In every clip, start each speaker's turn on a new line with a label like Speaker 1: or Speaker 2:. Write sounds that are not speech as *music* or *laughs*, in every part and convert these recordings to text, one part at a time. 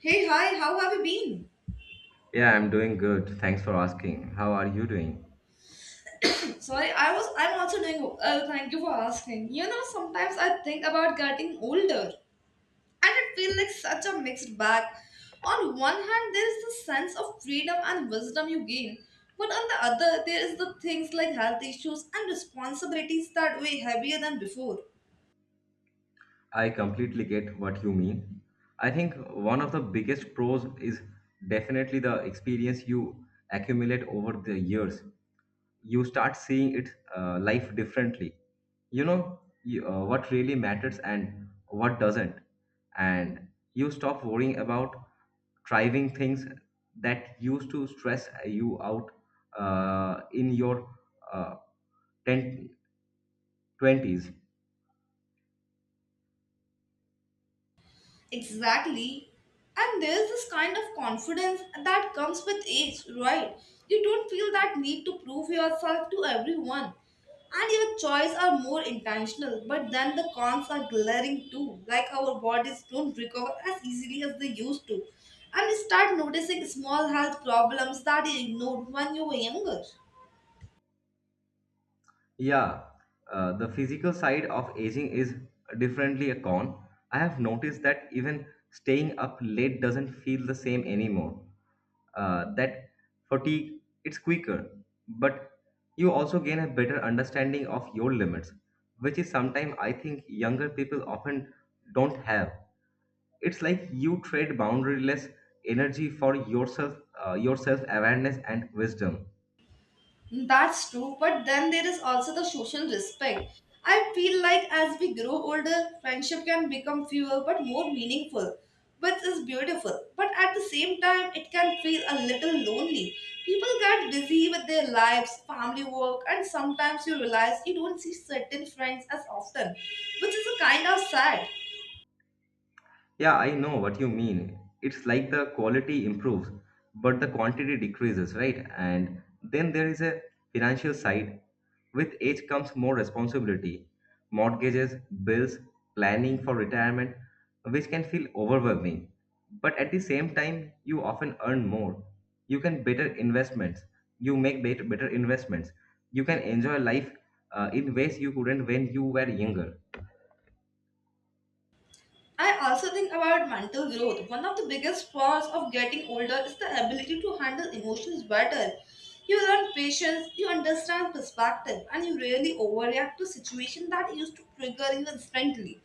Speaker 1: Hey, hi, how have you been?
Speaker 2: Yeah, I'm doing good. Thanks for asking. How are you doing?
Speaker 1: Sorry, I'm also doing, thank you for asking. You know, sometimes I think about getting older and it feels like such a mixed bag. On one hand, there is the sense of freedom and wisdom you gain, but on the other, there is the things like health issues and responsibilities that weigh heavier than before.
Speaker 2: I completely get what you mean. I think one of the biggest pros is definitely the experience you accumulate over the years. You start seeing it life differently. What really matters and what doesn't, and you stop worrying about driving things that used to stress you out in your uh, 10, twenties.
Speaker 1: Exactly. And there's this kind of confidence that comes with age, right? You don't feel that need to prove yourself to everyone. And your choices are more intentional, but then the cons are glaring too. Like our bodies don't recover as easily as they used to. And you start noticing small health problems that you ignored when you were younger.
Speaker 2: Yeah, the physical side of aging is differently a con. I have noticed that even staying up late doesn't feel the same anymore. That fatigue, it's quicker, but you also gain a better understanding of your limits, which is sometimes I think younger people often don't have. It's like you trade boundaryless energy for yourself, your self awareness and wisdom.
Speaker 1: That's true, but then there is also the social respect. I feel like as we grow older, friendship can become fewer but more meaningful, which is beautiful. But at the same time, it can feel a little lonely. People get busy with their lives, family work, and sometimes you realize you don't see certain friends as often, which is a kind of sad.
Speaker 2: Yeah, I know what you mean. It's like the quality improves, but the quantity decreases, right? And then there is a financial side. With age comes more responsibility, mortgages, bills, planning for retirement, which can feel overwhelming. But at the same time, you often earn more. You can better investments. You make better investments. You can enjoy life in ways you couldn't when you were younger.
Speaker 1: I also think about mental growth. One of the biggest flaws of getting older is the ability to handle emotions better. You learn patience, you understand perspective, and you really overreact to situations that used to trigger you instantly.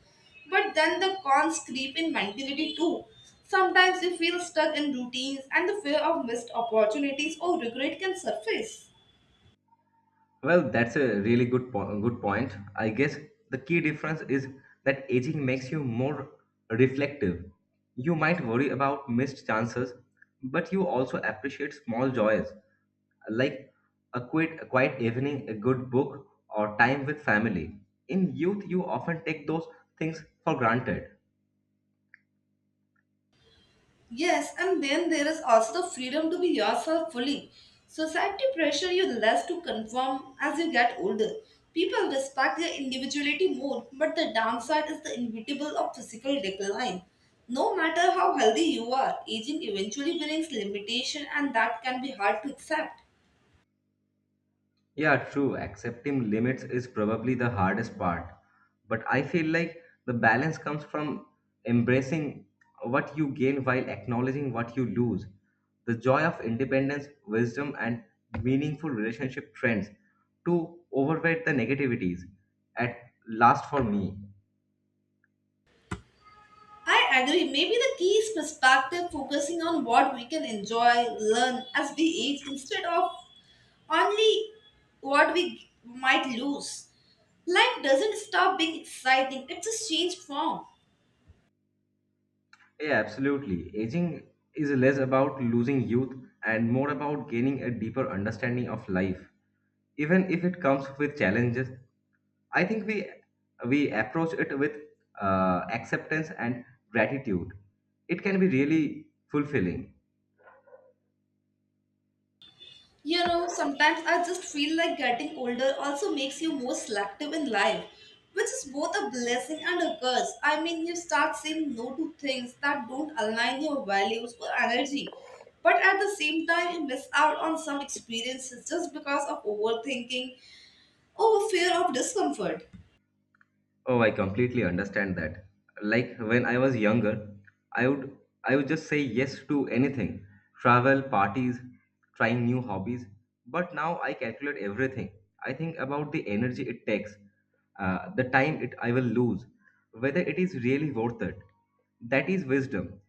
Speaker 1: But then the cons creep in mentality too. Sometimes you feel stuck in routines, and the fear of missed opportunities or regret can surface.
Speaker 2: Well, that's a really good point. I guess the key difference is that aging makes you more reflective. You might worry about missed chances, but you also appreciate small joys like a quiet evening, a good book, or time with family. In youth, you often take those things for granted.
Speaker 1: Yes, and then there is also the freedom to be yourself fully. Society pressure you less to conform as you get older. People respect your individuality more, but the downside is the inevitable of physical decline. No matter how healthy you are, aging eventually brings limitation and that can be hard to accept.
Speaker 2: Yeah, true. Accepting limits is probably the hardest part. But I feel like the balance comes from embracing what you gain while acknowledging what you lose. The joy of independence, wisdom, and meaningful relationship trends to overweight the negativities at last for me.
Speaker 1: I agree. Maybe the key is perspective, focusing on what we can enjoy, learn as we age instead of only what we might lose. Life doesn't stop being exciting, it just changed form.
Speaker 2: Yeah, absolutely. Aging is less about losing youth and more about gaining a deeper understanding of life. Even if it comes with challenges, I think we approach it with acceptance and gratitude it can be really fulfilling.
Speaker 1: You know, sometimes I just feel like getting older also makes you more selective in life, which is both a blessing and a curse. I mean, you start saying no to things that don't align your values or energy, but at the same time, you miss out on some experiences just because of overthinking or fear of discomfort.
Speaker 2: Oh, I completely understand that. Like when I was younger, I would I would just say yes to anything. Travel, parties, trying new hobbies. But now I calculate everything. I think about the energy it takes, the time it I will lose, whether it is really worth it. That is wisdom.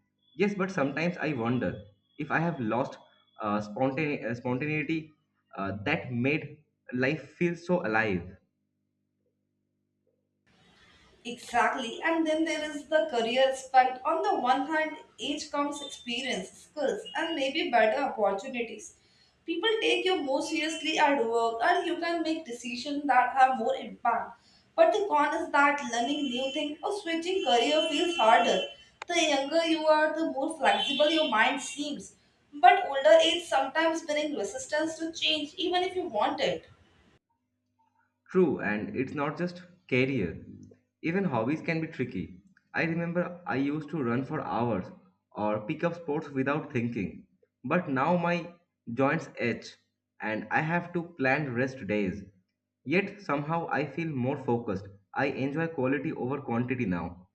Speaker 2: Yes, but sometimes I wonder if I have lost spontaneity that made life feel so alive.
Speaker 1: Exactly. And then there is the career aspect. On the one hand, age comes experience, skills, and maybe better opportunities. People take you more seriously at work and you can make decisions that have more impact. But the con is that learning new things or switching career feels harder. The younger you are, the more flexible your mind seems. But older age sometimes brings resistance to change even if you want it.
Speaker 2: True, and it's not just career. Even hobbies can be tricky. I remember I used to run for hours or pick up sports without thinking. But now my joints ache, and I have to plan rest days. Yet somehow I feel more focused. I enjoy quality over quantity now.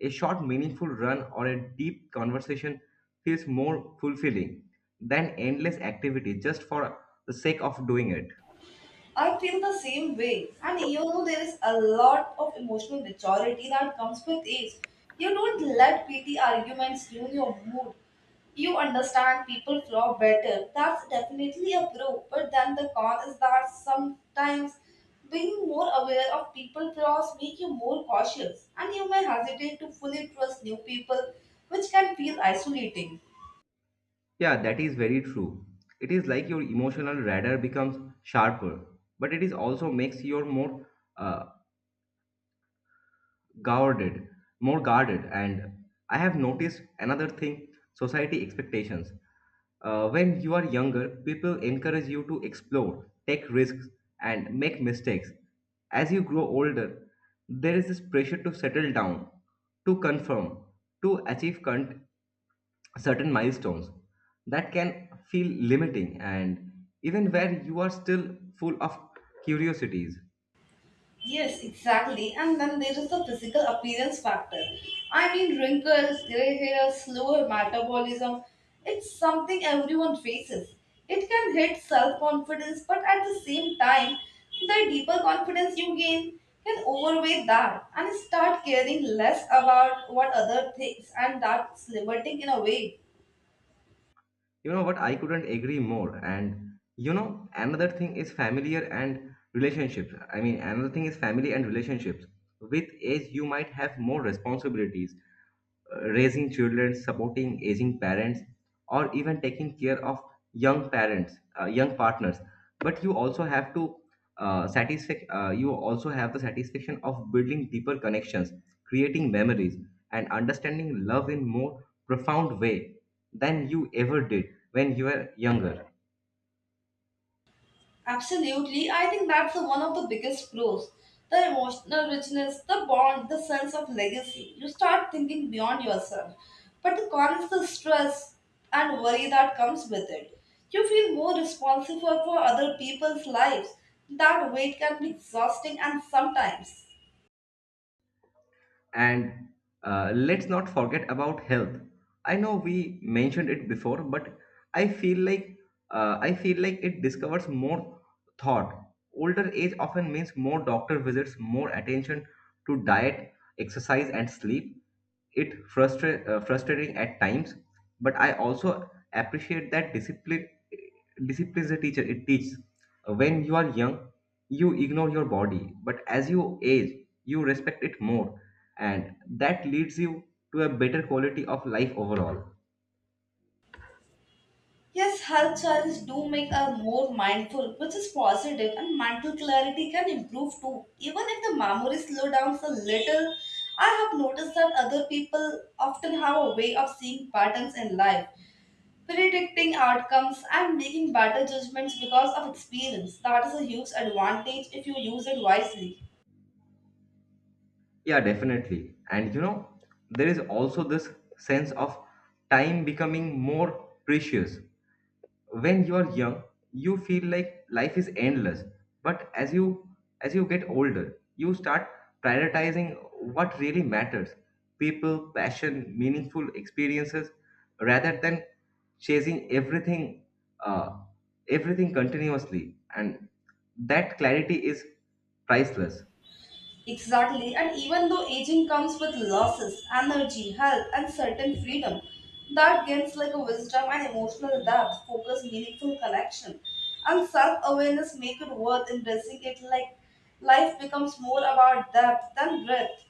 Speaker 2: A short, meaningful run or a deep conversation feels more fulfilling than endless activity just for the sake of doing it.
Speaker 1: I feel the same way. And you know, there is a lot of emotional maturity that comes with age. You don't let petty arguments ruin your mood. You understand people flaw better. That's definitely a pro. But then the con is that sometimes being more aware of people flaws make you more cautious, and you may hesitate to fully trust new people, which can feel isolating.
Speaker 2: Yeah, that is very true. It is like your emotional radar becomes sharper, but it is also makes you more uh, guarded, more guarded. And I have noticed another thing: society expectations. When you are younger, people encourage you to explore, take risks, and make mistakes. As you grow older, there is this pressure to settle down, to confirm, to certain milestones that can feel limiting and even where you are still full of curiosities.
Speaker 1: Yes, exactly. And then there is the physical appearance factor. I mean, wrinkles, gray hair, slower metabolism. It's something everyone faces. It can hit self confidence, but at the same time, the deeper confidence you gain can overweigh that and start caring less about what other thinks, and that's liberating in a way.
Speaker 2: You know what, I couldn't agree more. And you know another thing is familiar and relationships I mean Another thing is family and relationships. With age you might have more responsibilities, raising children, supporting aging parents, or even taking care of young parents, young partners. But you also have to satisfy. You also have the satisfaction of building deeper connections, creating memories, and understanding love in more profound way than you ever did when you were younger.
Speaker 1: Absolutely. I think that's one of the biggest pros. The emotional richness, the bond, the sense of legacy. You start thinking beyond yourself. But the con is the stress and worry that comes with it. You feel more responsible for other people's lives. That weight can be exhausting and sometimes.
Speaker 2: And let's not forget about health. I know we mentioned it before, but I feel like I feel like it discovers more thought. Older age often means more doctor visits, more attention to diet, exercise, and sleep it frustrating at times, but I also appreciate that discipline. Discipline is a teacher, it teaches when you are young you ignore your body, but as you age you respect it more, and that leads you to a better quality of life overall.
Speaker 1: Yes, health choices do make us more mindful, which is positive, and mental clarity can improve too. Even if the memory slow down a little, I have noticed that other people often have a way of seeing patterns in life, predicting outcomes, and making better judgments because of experience. That is a huge advantage if you use it wisely.
Speaker 2: Yeah, definitely. And you know there is also this sense of time becoming more precious. When you are young you feel like life is endless, but as you get older you start prioritizing what really matters, people, passion, meaningful experiences, rather than chasing uh, everything continuously, and that clarity is priceless.
Speaker 1: Exactly, and even though aging comes with losses, energy, health, and certain freedom, that gains like a wisdom and emotional depth, focus, meaningful connection, and self awareness make it worth embracing it. Like life becomes more about depth than breadth.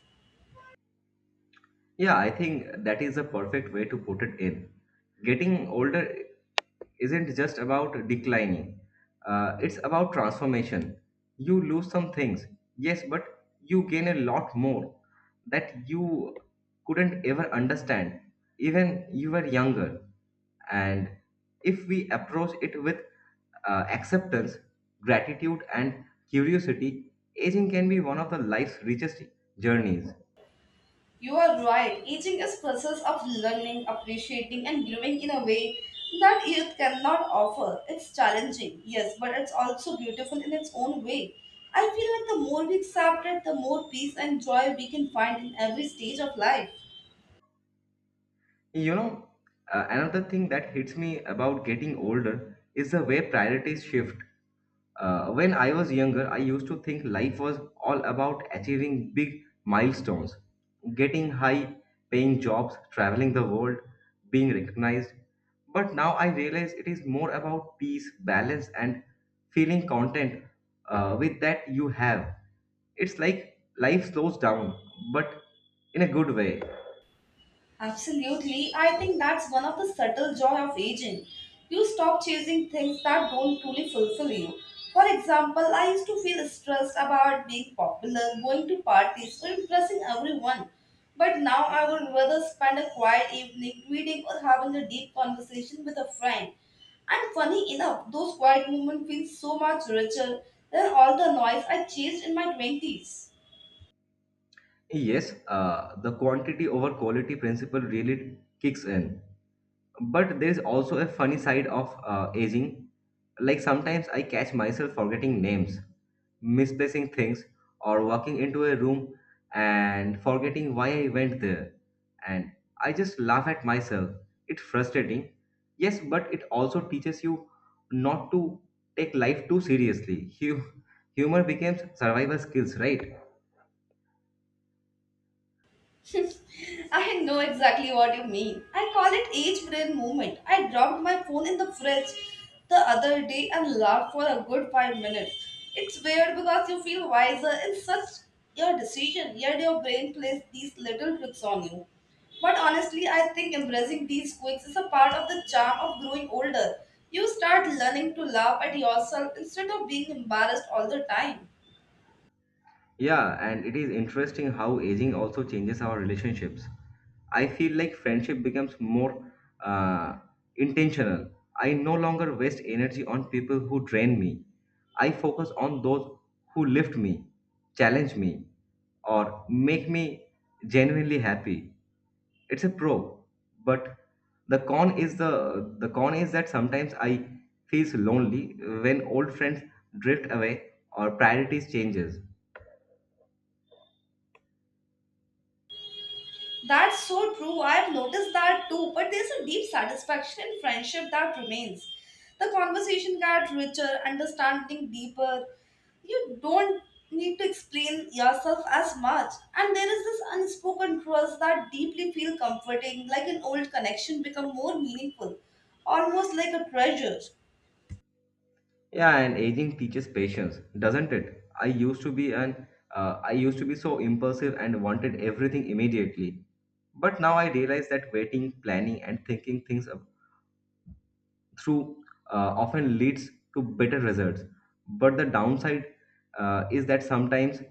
Speaker 2: Yeah, I think that is a perfect way to put it in. Getting older isn't just about declining, it's about transformation. You lose some things, yes, but you gain a lot more that you couldn't ever understand, even you were younger. And if we approach it with acceptance, gratitude, and curiosity, aging can be one of the life's richest journeys.
Speaker 1: You are right. Aging is process of learning, appreciating, and growing in a way that youth cannot offer. It's challenging, yes, but it's also beautiful in its own way. I feel like the more we accept it, the more peace and joy we can find in every stage of life.
Speaker 2: You know, Another thing that hits me about getting older is the way priorities shift. When I was younger, I used to think life was all about achieving big milestones, getting high paying jobs, traveling the world, being recognized. But now I realize it is more about peace, balance, and feeling content with that you have. It's like life slows down, but in a good way.
Speaker 1: Absolutely. I think that's one of the subtle joy of aging. You stop chasing things that don't truly fulfill you. For example, I used to feel stressed about being popular, going to parties, or impressing everyone. But now I would rather spend a quiet evening reading or having a deep conversation with a friend. And funny enough, those quiet moments feel so much richer than all the noise I chased in my 20s.
Speaker 2: Yes, the quantity over quality principle really kicks in. But there is also a funny side of aging. Like sometimes I catch myself forgetting names, misplacing things, or walking into a room and forgetting why I went there. And I just laugh at myself. It's frustrating. Yes, but it also teaches you not to take life too seriously. Humor becomes survival skills, right?
Speaker 1: *laughs* I know exactly what you mean. I call it age brain movement. I dropped my phone in the fridge the other day and laughed for a good 5 minutes. It's weird because you feel wiser in such your decision, yet your brain plays these little tricks on you. But honestly, I think embracing these quirks is a part of the charm of growing older. You start learning to laugh at yourself instead of being embarrassed all the time.
Speaker 2: Yeah, and it is interesting how aging also changes our relationships. I feel like friendship becomes more uh, intentional. I no longer waste energy on people who drain me. I focus on those who lift me, challenge me, or make me genuinely happy. It's a pro, but the con is that sometimes I feels lonely when old friends drift away or priorities changes.
Speaker 1: That's so true. I've noticed that too, but there's a deep satisfaction in friendship that remains. The conversation got richer, understanding deeper. You don't need to explain yourself as much. And there is this unspoken trust that deeply feel comforting, like an old connection become more meaningful, almost like a treasure.
Speaker 2: Yeah, and aging teaches patience, doesn't it? I used to be so impulsive and wanted everything immediately. But now I realize that waiting, planning, and thinking through often leads to better results. But the downside is that sometimes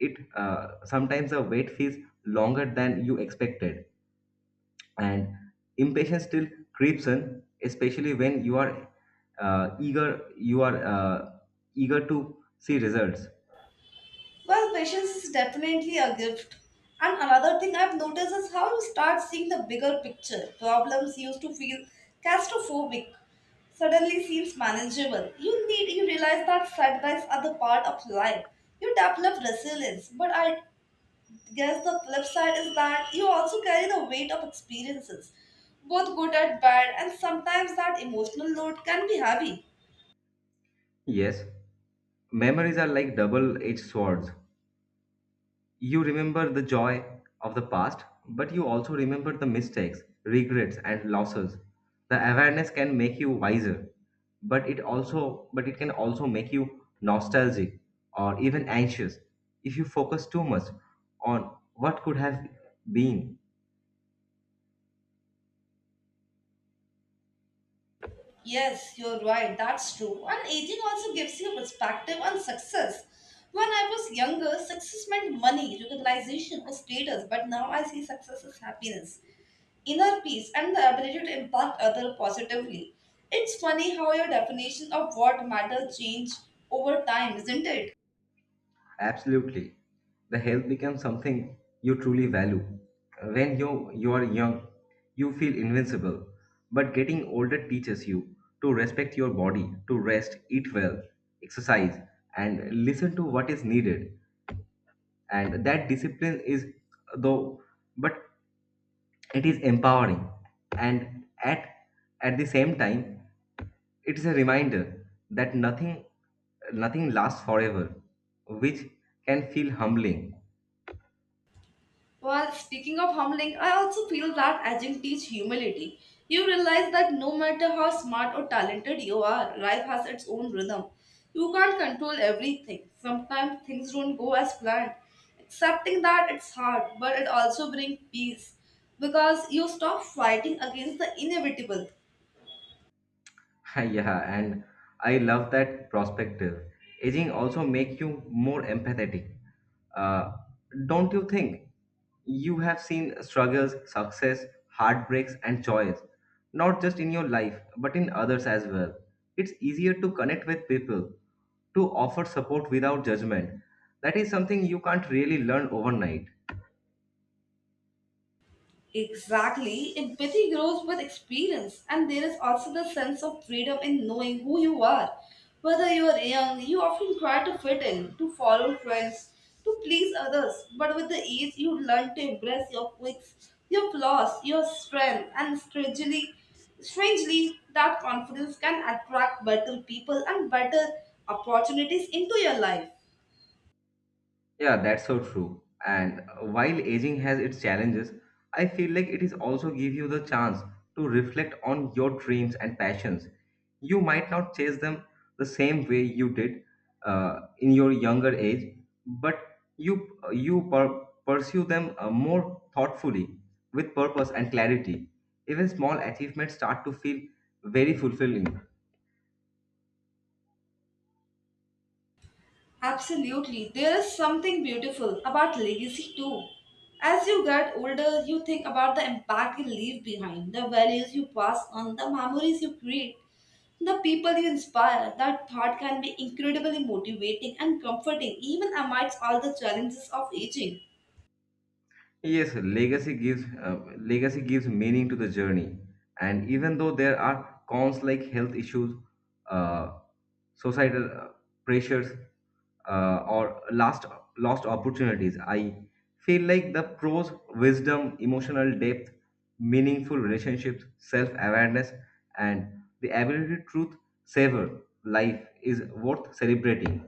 Speaker 2: it uh, sometimes the wait feels longer than you expected, and impatience still creeps in, especially when you are eager you are eager to see results.
Speaker 1: Well, patience is definitely a gift. And another thing I've noticed is how you start seeing the bigger picture. Problems used to feel claustrophobic suddenly seems manageable. You realize that setbacks are the part of life. You develop resilience, but I guess the flip side is that you also carry the weight of experiences, both good and bad, and sometimes that emotional load can be heavy.
Speaker 2: Yes, memories are like double-edged swords. You remember the joy of the past, but you also remember the mistakes, regrets and losses. The awareness can make you wiser, but it can also make you nostalgic or even anxious if you focus too much on what could have been.
Speaker 1: Yes, you're right. That's true. And aging also gives you perspective on success. When I was younger, success meant money, recognition, or status, but now I see success as happiness, inner peace, and the ability to impact others positively. It's funny how your definition of what matters change over time, isn't it?
Speaker 2: Absolutely. The health becomes something you truly value. When you are young, you feel invincible. But getting older teaches you to respect your body, to rest, eat well, exercise, and listen to what is needed. And that discipline is, though, but it is empowering. And at the same time, it is a reminder that nothing lasts forever, which can feel humbling.
Speaker 1: Well, speaking of humbling, I also feel that aging teach humility. You realize that no matter how smart or talented you are, life has its own rhythm. You can't control everything. Sometimes things don't go as planned. Accepting that it's hard, but it also brings peace because you stop fighting against the inevitable.
Speaker 2: *laughs* Yeah, and I love that perspective. Aging also make you more empathetic. Uh, don't you think? You have seen struggles, success, heartbreaks, and joys, not just in your life, but in others as well. It's easier to connect with people, to offer support without judgment. That is something you can't really learn overnight.
Speaker 1: Exactly. Empathy grows with experience, and there is also the sense of freedom in knowing who you are. Whether you are young, you often try to fit in, to follow trends, to please others. But with the age, you learn to embrace your quirks, your flaws, your strength, and strangely, that confidence can attract better people and better opportunities into your life.
Speaker 2: Yeah, that's so true. And while aging has its challenges, I feel like it is also give you the chance to reflect on your dreams and passions. You might not chase them the same way you did in your younger age, but you pursue them more thoughtfully with purpose and clarity. Even small achievements start to feel very fulfilling.
Speaker 1: Absolutely. There is something beautiful about legacy too. As you get older, you think about the impact you leave behind, the values you pass on, the memories you create, the people you inspire. That thought can be incredibly motivating and comforting, even amidst all the challenges of aging.
Speaker 2: Yes, legacy gives meaning to the journey, and even though there are cons like health issues, uh, societal pressures, or lost opportunities, I feel like the pros: wisdom, emotional depth, meaningful relationships, self-awareness, and the ability to truth savor life is worth celebrating.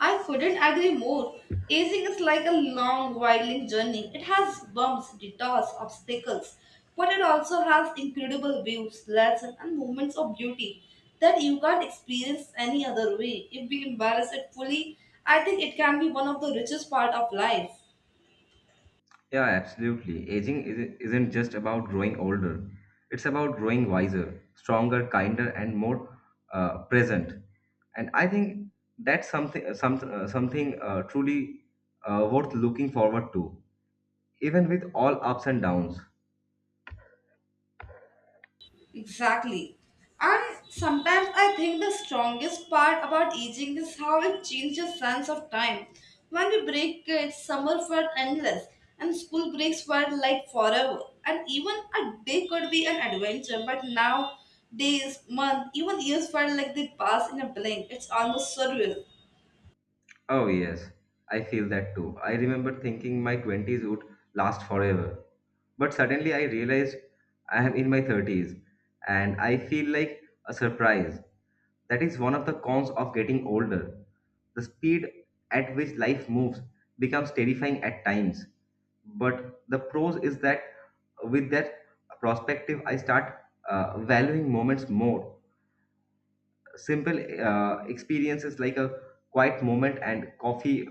Speaker 1: I couldn't agree more. Aging is like a long, winding journey. It has bumps, detours, obstacles, but it also has incredible views, lessons, and moments of beauty that you can't experience any other way. If we embrace it fully, I think it can be one of the richest part of life.
Speaker 2: Yeah, absolutely. Isn't just about growing older. It's about growing wiser, stronger, kinder, and more present. And I think that's something some, something truly worth looking forward to, even with all ups and downs.
Speaker 1: Exactly. And sometimes I think the strongest part about aging is how it changes sense of time. When we break kids, summer felt endless, and school breaks felt like forever. And even a day could be an adventure, but now days, months, even years felt like they pass in a blink. It's almost surreal.
Speaker 2: Oh, yes, I feel that too. I remember thinking my 20s would last forever. But suddenly I realized I am in my 30s and I feel like a surprise. That is one of the cons of getting older. The speed at which life moves becomes terrifying at times. But the pros is that with that perspective, I start valuing moments more. Simple experiences like a quiet moment and coffee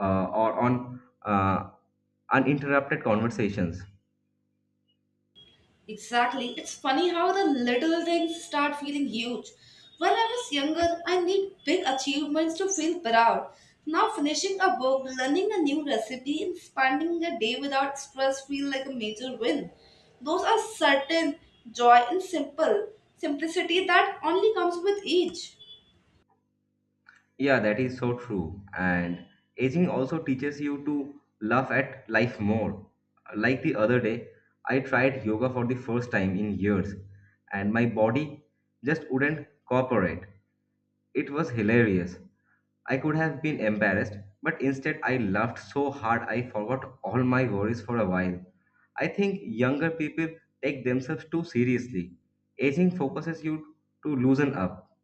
Speaker 2: or on uninterrupted conversations.
Speaker 1: Exactly. It's funny how the little things start feeling huge. When I was younger, I need big achievements to feel proud. Now finishing a book, learning a new recipe, and spending a day without stress feel like a major win. Those are certain joy and simple simplicity that only comes with age.
Speaker 2: Yeah, that is so true. And aging also teaches you to laugh at life more. Like the other day, I tried yoga for the first time in years, and my body just wouldn't cooperate. It was hilarious. I could have been embarrassed, but instead I laughed so hard I forgot all my worries for a while. I think younger people take themselves too seriously. Aging focuses you to loosen up.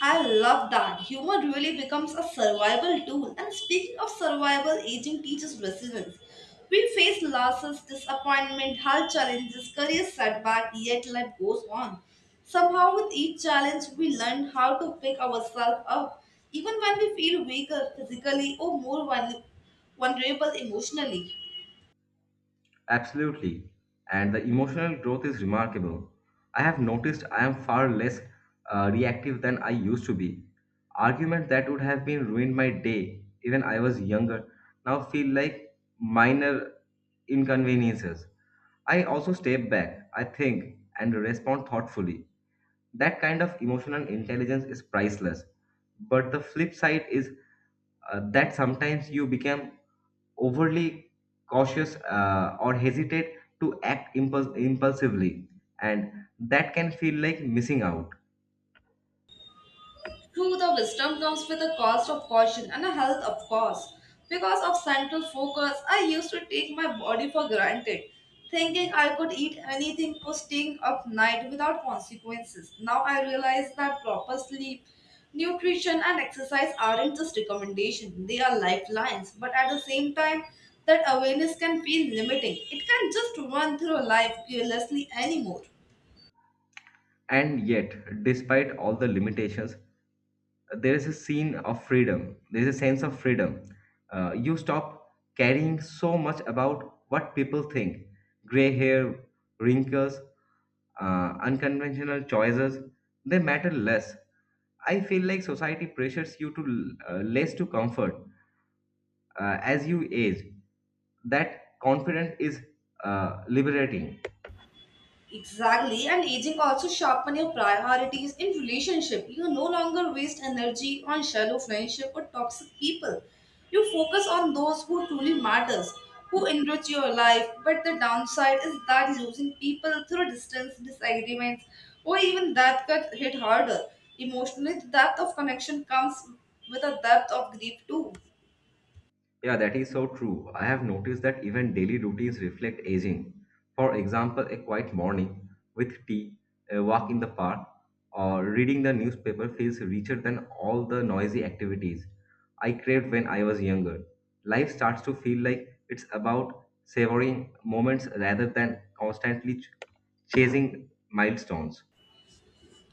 Speaker 1: I love that. Humor really becomes a survival tool. And speaking of survival, aging teaches resilience. We face losses, disappointment, health challenges, career setback, yet life goes on. Somehow, with each challenge, we learn how to pick ourselves up, even when we feel weaker physically or more vulnerable emotionally.
Speaker 2: Absolutely. And the emotional growth is remarkable. I have noticed I am far less reactive than I used to be. Arguments that would have been ruined my day, even I was younger, now feel like minor inconveniences. I also step back, I think, and respond thoughtfully. That kind of emotional intelligence is priceless. But the flip side is that sometimes you become overly cautious or hesitate to act impulsively, and that can feel like missing out.
Speaker 1: True, the wisdom comes with a cost of caution and a health, of course. Because of central focus, I used to take my body for granted, thinking I could eat anything or staying up night without consequences. Now I realize that proper sleep, nutrition, and exercise aren't just recommendations, they are lifelines. But at the same time, that awareness can feel limiting. It can just run through life carelessly anymore.
Speaker 2: And yet, despite all the limitations, there is a sense of freedom. You stop caring so much about what people think. Gray hair, wrinkles, unconventional choices, they matter less. I feel like society pressures you to less to comfort as you age. That confidence is liberating.
Speaker 1: Exactly, and aging also sharpen your priorities in relationship. You no longer waste energy on shallow friendship or toxic people. You focus on those who truly matters, who enrich your life. But the downside is that losing people through distance, disagreements, or even that cut hit harder. Emotionally, the depth of connection comes with a depth of grief too.
Speaker 2: Yeah, that is so true. I have noticed that even daily routines reflect aging. For example, a quiet morning with tea, a walk in the park, or reading the newspaper feels richer than all the noisy activities I craved when I was younger. Life starts to feel like it's about savoring moments rather than constantly chasing milestones.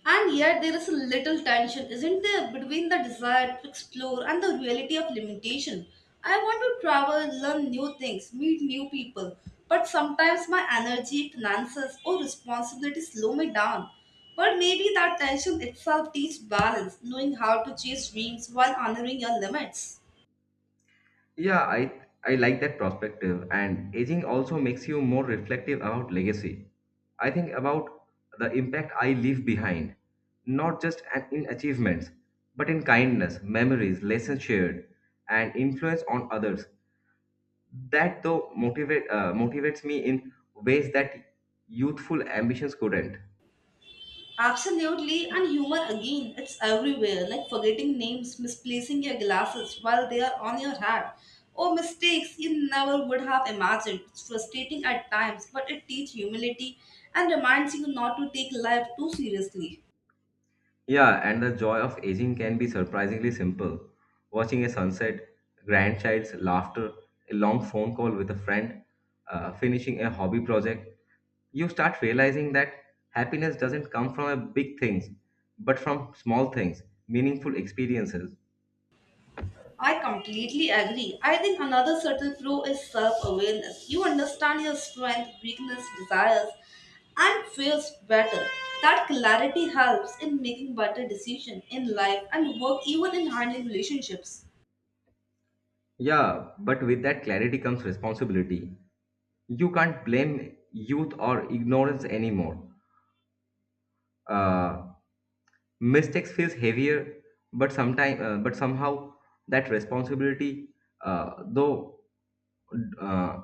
Speaker 1: And yet, there is a little tension, isn't there, between the desire to explore and the reality of limitation. I want to travel, learn new things, meet new people, but sometimes my energy, finances, or responsibilities slow me down. But maybe that tension itself teaches balance, knowing how to chase dreams while honoring your limits.
Speaker 2: Yeah, I like that perspective, and aging also makes you more reflective about legacy. I think about the impact I leave behind, not just in achievements, but in kindness, memories, lessons shared, and influence on others. That though motivate motivates me in ways that youthful ambitions couldn't.
Speaker 1: Absolutely, and humor again, it's everywhere, like forgetting names, misplacing your glasses while they are on your hat, or mistakes you never would have imagined. It's frustrating at times, but it teaches humility and reminds you not to take life too seriously.
Speaker 2: Yeah, and the joy of aging can be surprisingly simple. Watching a sunset, grandchild's laughter, a long phone call with a friend, finishing a hobby project, you start realizing that happiness doesn't come from a big things, but from small things, meaningful experiences.
Speaker 1: I completely agree. I think another subtle flaw is self awareness. You understand your strength, weakness, desires, and fears better. That clarity helps in making better decisions in life and work, even in handling relationships.
Speaker 2: Yeah, but with that clarity comes responsibility. You can't blame youth or ignorance anymore. Uh, Mistakes feels heavier, but somehow that responsibility, uh, though uh,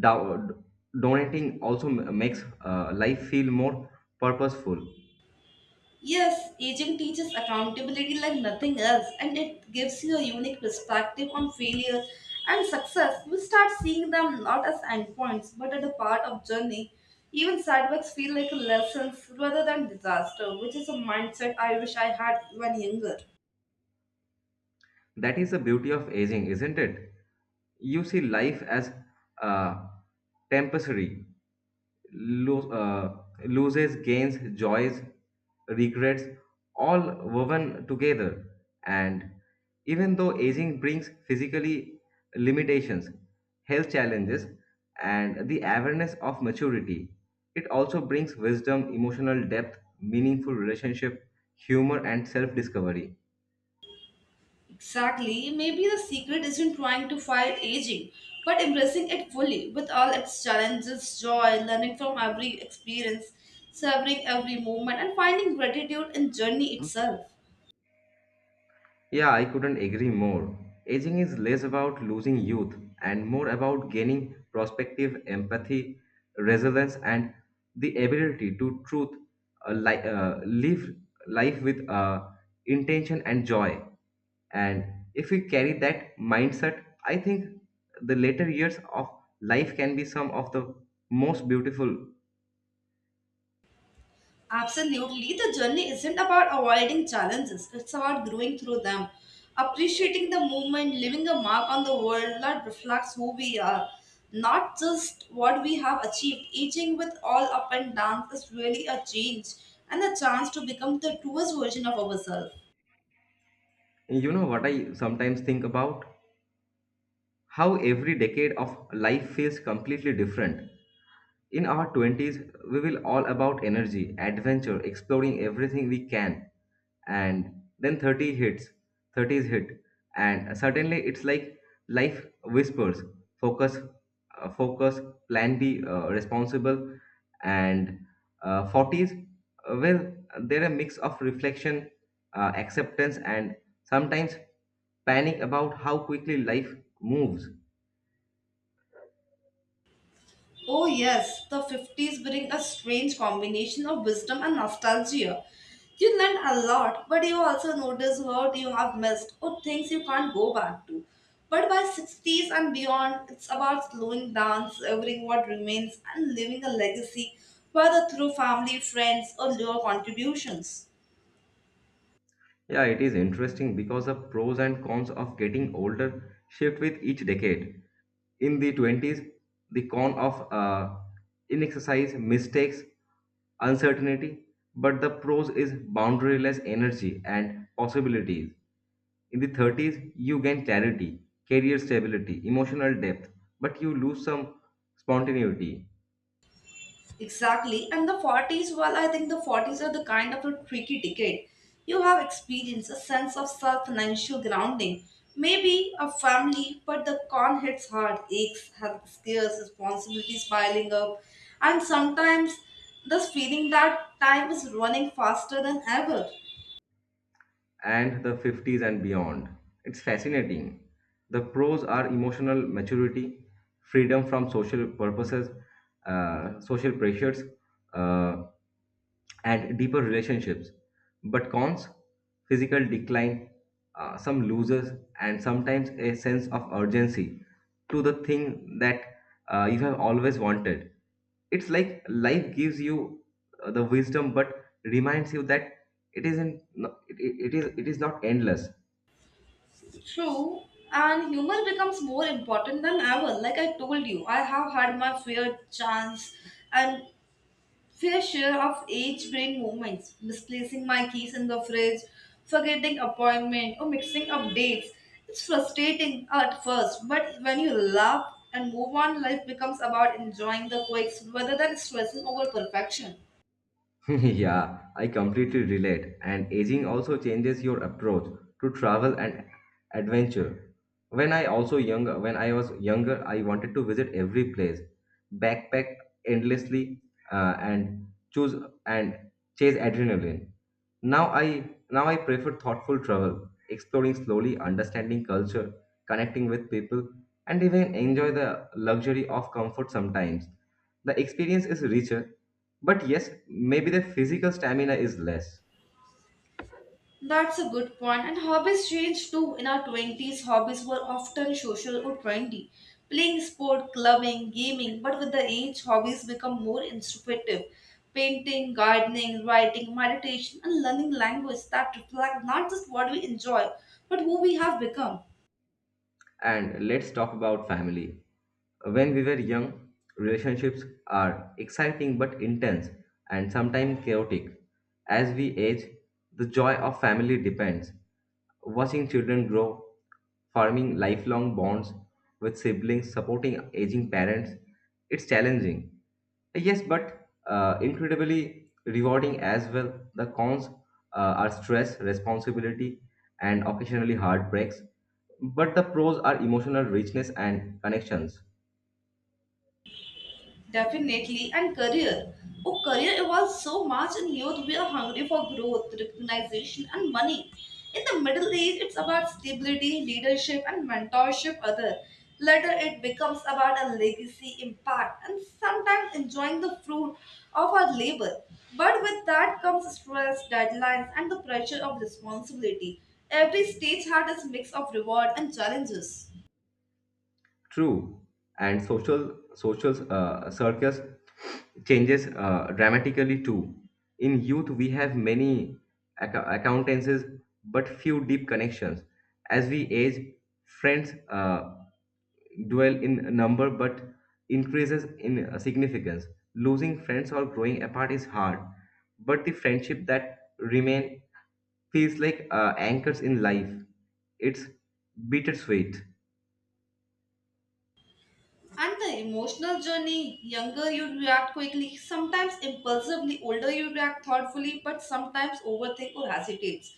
Speaker 2: do- donating also makes life feel more purposeful.
Speaker 1: Yes, aging teaches accountability like nothing else, and it gives you a unique perspective on failure and success. You start seeing them not as endpoints, but as a part of journey. Even setbacks feel like lessons rather than disaster, which is a mindset I wish I had when younger.
Speaker 2: That is the beauty of aging, isn't it? You see life as uh, temporary. lo- uh, Loses, gains, joys, regrets, all woven together. And even though aging brings physically limitations, health challenges, and the awareness of maturity, it also brings wisdom, emotional depth, meaningful relationship, humor, and self discovery.
Speaker 1: Exactly. Maybe the secret isn't trying to fight aging, but embracing it fully with all its challenges, joy, learning from every experience, savoring every moment, and finding gratitude in journey itself.
Speaker 2: Yeah, I couldn't agree more. Aging is less about losing youth and more about gaining prospective empathy, resilience, and the ability to live life with intention and joy. And if we carry that mindset, I think the later years of life can be some of the most beautiful.
Speaker 1: Absolutely. The journey isn't about avoiding challenges, it's about growing through them. Appreciating the moment, leaving a mark on the world that reflects who we are, not just what we have achieved. Aging with all up and downs is really a change and a chance to become the truest version of ourselves.
Speaker 2: You know what I sometimes think about? How every decade of life feels completely different. In our 20s, we will all about energy, adventure, exploring everything we can. And then 30s hit, and suddenly it's like life whispers, focus, focus, plan B, responsible, and 40s, well, they're a mix of reflection, acceptance, and sometimes panic about how quickly life moves.
Speaker 1: Oh, yes, the 50s bring a strange combination of wisdom and nostalgia. You learn a lot, but you also notice what you have missed or things you can't go back to. But by 60s and beyond, it's about slowing down, savoring what remains, and leaving a legacy, whether through family, friends, or your contributions.
Speaker 2: Yeah, it is interesting because the pros and cons of getting older shift with each decade. In the 20s, the con of inexercise, mistakes, uncertainty, but the pros is boundaryless energy and possibilities. In the 30s, you gain clarity, career stability, emotional depth, but you lose some spontaneity.
Speaker 1: Exactly. And the 40s, well, I think the 40s are the kind of a tricky decade. You have experienced a sense of self financial grounding, maybe a family, but the con hits hard, aches, health scares, responsibilities piling up, and sometimes this feeling that time is running faster than ever.
Speaker 2: And the 50s and beyond. It's fascinating. The pros are emotional maturity, freedom from social purposes, social pressures, uh, and deeper relationships. But cons, physical decline, some losers, and sometimes a sense of urgency to the thing that you have always wanted. It's like life gives you the wisdom, but reminds you that it isn't. No- It, it is. It is not endless.
Speaker 1: True, and humor becomes more important than ever. Like I told you, I have had my fair chance and fair share of age brain movements, misplacing my keys in the fridge, forgetting appointment, or mixing up dates. It's frustrating at first, but when you laugh and move on, life becomes about enjoying the quirks rather than stressing over perfection.
Speaker 2: *laughs* Yeah, I completely relate. And aging also changes your approach to travel and adventure. When I was younger, I wanted to visit every place, backpack endlessly, uh, and choose and chase adrenaline. Now I prefer thoughtful travel, exploring slowly, understanding culture, connecting with people, and even enjoy the luxury of comfort sometimes. The experience is richer, but yes, maybe the physical stamina is less.
Speaker 1: That's a good point. And hobbies change too. In our 20s, hobbies were often social or trendy. Playing sport, clubbing, gaming. But with the age, hobbies become more introspective. Painting, gardening, writing, meditation, and learning language that reflect not just what we enjoy, but who we have become.
Speaker 2: And let's talk about family. When we were young, relationships are exciting but intense and sometimes chaotic. As we age, the joy of family depends. Watching children grow, forming lifelong bonds with siblings, supporting aging parents, it's challenging. Yes, but incredibly rewarding as well. The cons are stress, responsibility, and occasionally heartbreaks. But the pros are emotional richness and connections.
Speaker 1: Definitely, and career. Oh, career evolves so much in youth. We are hungry for growth, recognition, and money. In the middle age, it's about stability, leadership, and mentorship. Other later, it becomes about a legacy, impact, and sometimes enjoying the fruit of our labor. But with that comes stress, deadlines, and the pressure of responsibility. Every stage had its mix of reward and challenges.
Speaker 2: True, and social circus changes dramatically too. In youth, we have many acquaintances, but few deep connections. As we age, friends dwell in number but increases in significance. Losing friends or growing apart is hard, but the friendship that remain feels like anchors in life. It's bittersweet.
Speaker 1: And the emotional journey, younger you react quickly, sometimes impulsively, older you react thoughtfully, but sometimes overthink or hesitates.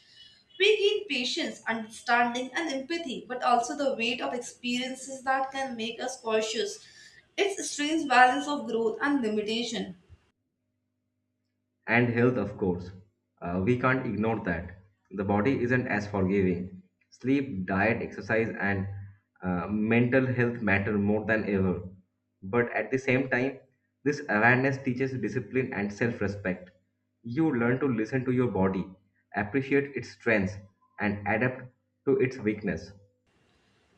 Speaker 1: We gain patience, understanding, and empathy, but also the weight of experiences that can make us cautious. It's a strange balance of growth and limitation.
Speaker 2: And health, of course. We can't ignore that. The body isn't as forgiving. Sleep, diet, exercise, and mental health matter more than ever. But at the same time, this awareness teaches discipline and self respect. You learn to listen to your body, appreciate its strengths, and adapt to its weakness.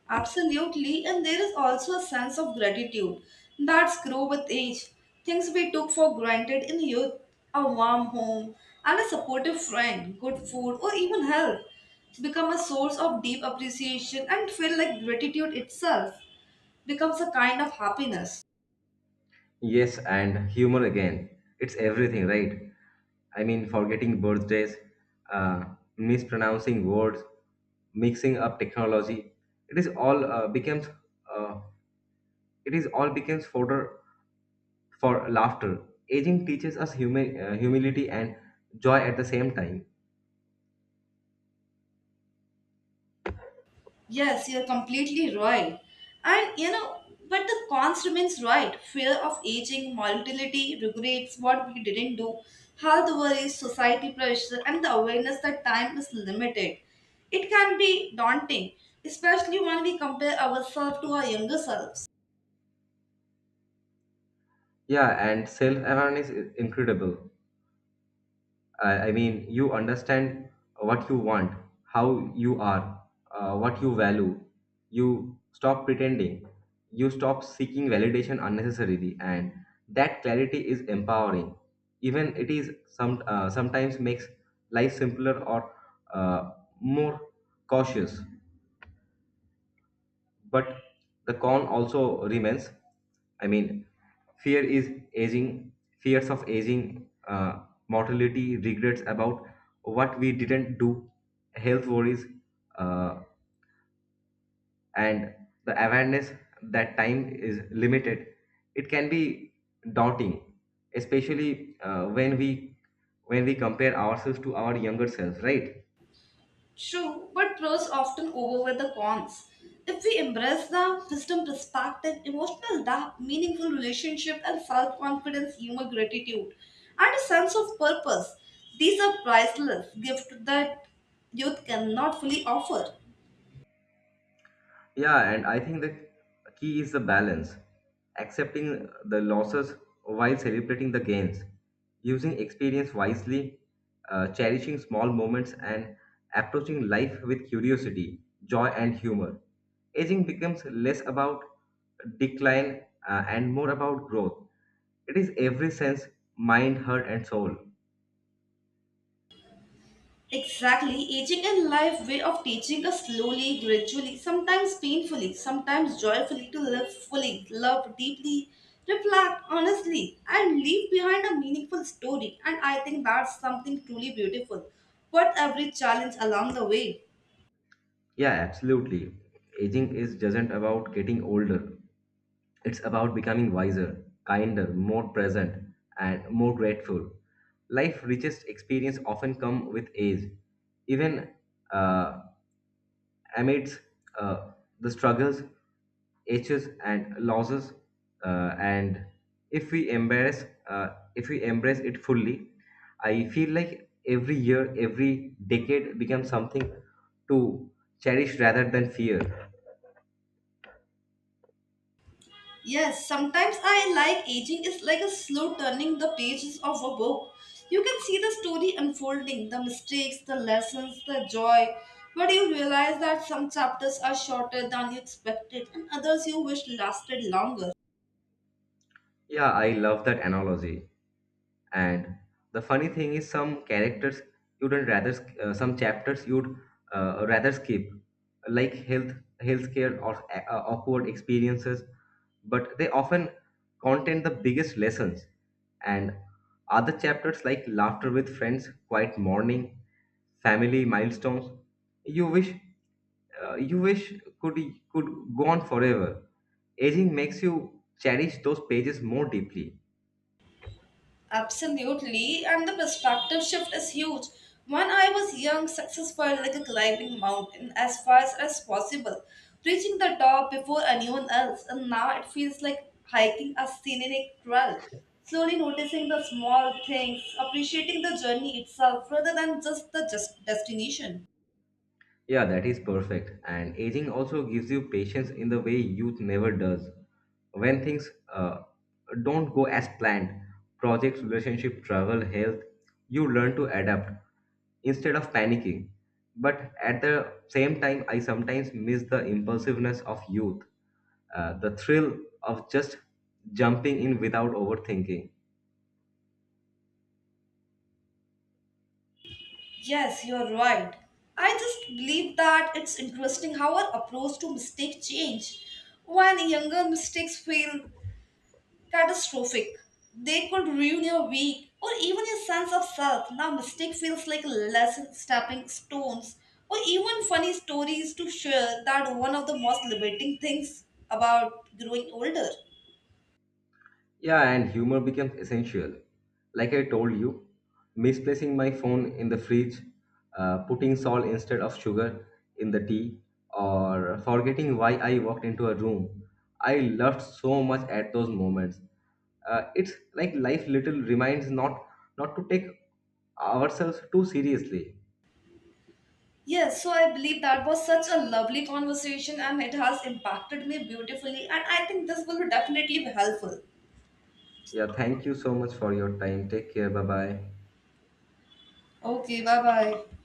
Speaker 1: Absolutely, and there is also a sense of gratitude that's grow with age. Things we took for granted in youth, a warm home and a supportive friend, good food or even health become a source of deep appreciation and feel like gratitude itself becomes a kind of happiness.
Speaker 2: Yes, and humor again. It's everything, right? I mean, forgetting birthdays, uh, mispronouncing words, mixing up technology. It is all becomes uh, it is all becomes fodder for laughter. Aging teaches us humility and joy at the same time.
Speaker 1: Yes, you're completely right. And you know, but the cons remains right. Fear of aging, mortality, regrets, what we didn't do, health worries, society pressure, and the awareness that time is limited. It can be daunting, especially when we compare ourselves to our younger selves.
Speaker 2: Yeah, and self awareness is incredible. I mean, you understand what you want, how you are, what you value. You stop pretending. You stop seeking validation unnecessarily, and that clarity is empowering. Even it is some sometimes makes life simpler or uh, more cautious. But the con also remains. I mean, fear is aging fears of aging, mortality, regrets about what we didn't do, health worries, uh, and the awareness that time is limited, it can be daunting, especially when we compare ourselves to our younger selves, right?
Speaker 1: True, but pros often overweigh the cons. If we embrace the wisdom perspective, emotional depth, meaningful relationship, and self confidence, humor, gratitude, and a sense of purpose, these are priceless gifts that youth cannot fully offer.
Speaker 2: Yeah, and I think the key is the balance, accepting the losses while celebrating the gains, using experience wisely, cherishing small moments, and approaching life with curiosity, joy, and humor. Aging becomes less about decline and more about growth. It is every sense, mind, heart, and soul.
Speaker 1: Exactly, aging in life way of teaching us slowly, gradually, sometimes painfully, sometimes joyfully to live fully, love deeply, reflect honestly, and leave behind a meaningful story. And I think that's something truly beautiful. Worth every challenge along the way.
Speaker 2: Yeah, absolutely. Aging is doesn't about getting older. It's about becoming wiser, kinder, more present, and more grateful. Life's richest experience often come with age. Even uh, amidst uh, the struggles, aches, and losses, and if we embrace, uh, if we embrace it fully, I feel like every year, every decade becomes something to cherish rather than fear.
Speaker 1: Yes, sometimes I like aging is like a slow turning the pages of a book. You can see the story unfolding, the mistakes, the lessons, the joy. But you realize that some chapters are shorter than you expected and others you wish lasted longer.
Speaker 2: Yeah, I love that analogy. And the funny thing is, some chapters you'd rather skip, like healthcare or awkward experiences, but they often contain the biggest lessons. And other chapters like laughter with friends, quiet morning, family milestones, you wish you wish could could go on forever. Aging makes you cherish those pages more deeply.
Speaker 1: Absolutely, and the perspective shift is huge. When I was young, success felt like a climbing mountain as fast as possible, reaching the top before anyone else, and now it feels like hiking a scenic trail, slowly noticing the small things, appreciating the journey itself rather than just the just destination.
Speaker 2: Yeah, that is perfect. And aging also gives you patience in the way youth never does. When things don't go as planned, projects, relationship, travel, health, you learn to adapt instead of panicking. But at the same time, I sometimes miss the impulsiveness of youth, the thrill of just jumping in without overthinking.
Speaker 1: Yes, you're right. I just believe that it's interesting how our approach to mistakes change. When younger mistakes feel catastrophic. They could ruin your week or even your sense of self. Now, mistake feels like a lesson, stepping stones, or even funny stories to share that one of the most liberating things about growing older.
Speaker 2: Yeah, and humor becomes essential. Like I told you, misplacing my phone in the fridge, putting salt instead of sugar in the tea, or forgetting why I walked into a room. I laughed so much at those moments. It's like life little reminds not to take ourselves too seriously.
Speaker 1: Yes, so I believe that was such a lovely conversation and it has impacted me beautifully, and I think this will be definitely be helpful.
Speaker 2: Yeah, thank you so much for your time. Take care. Bye bye.
Speaker 1: Okay, bye bye.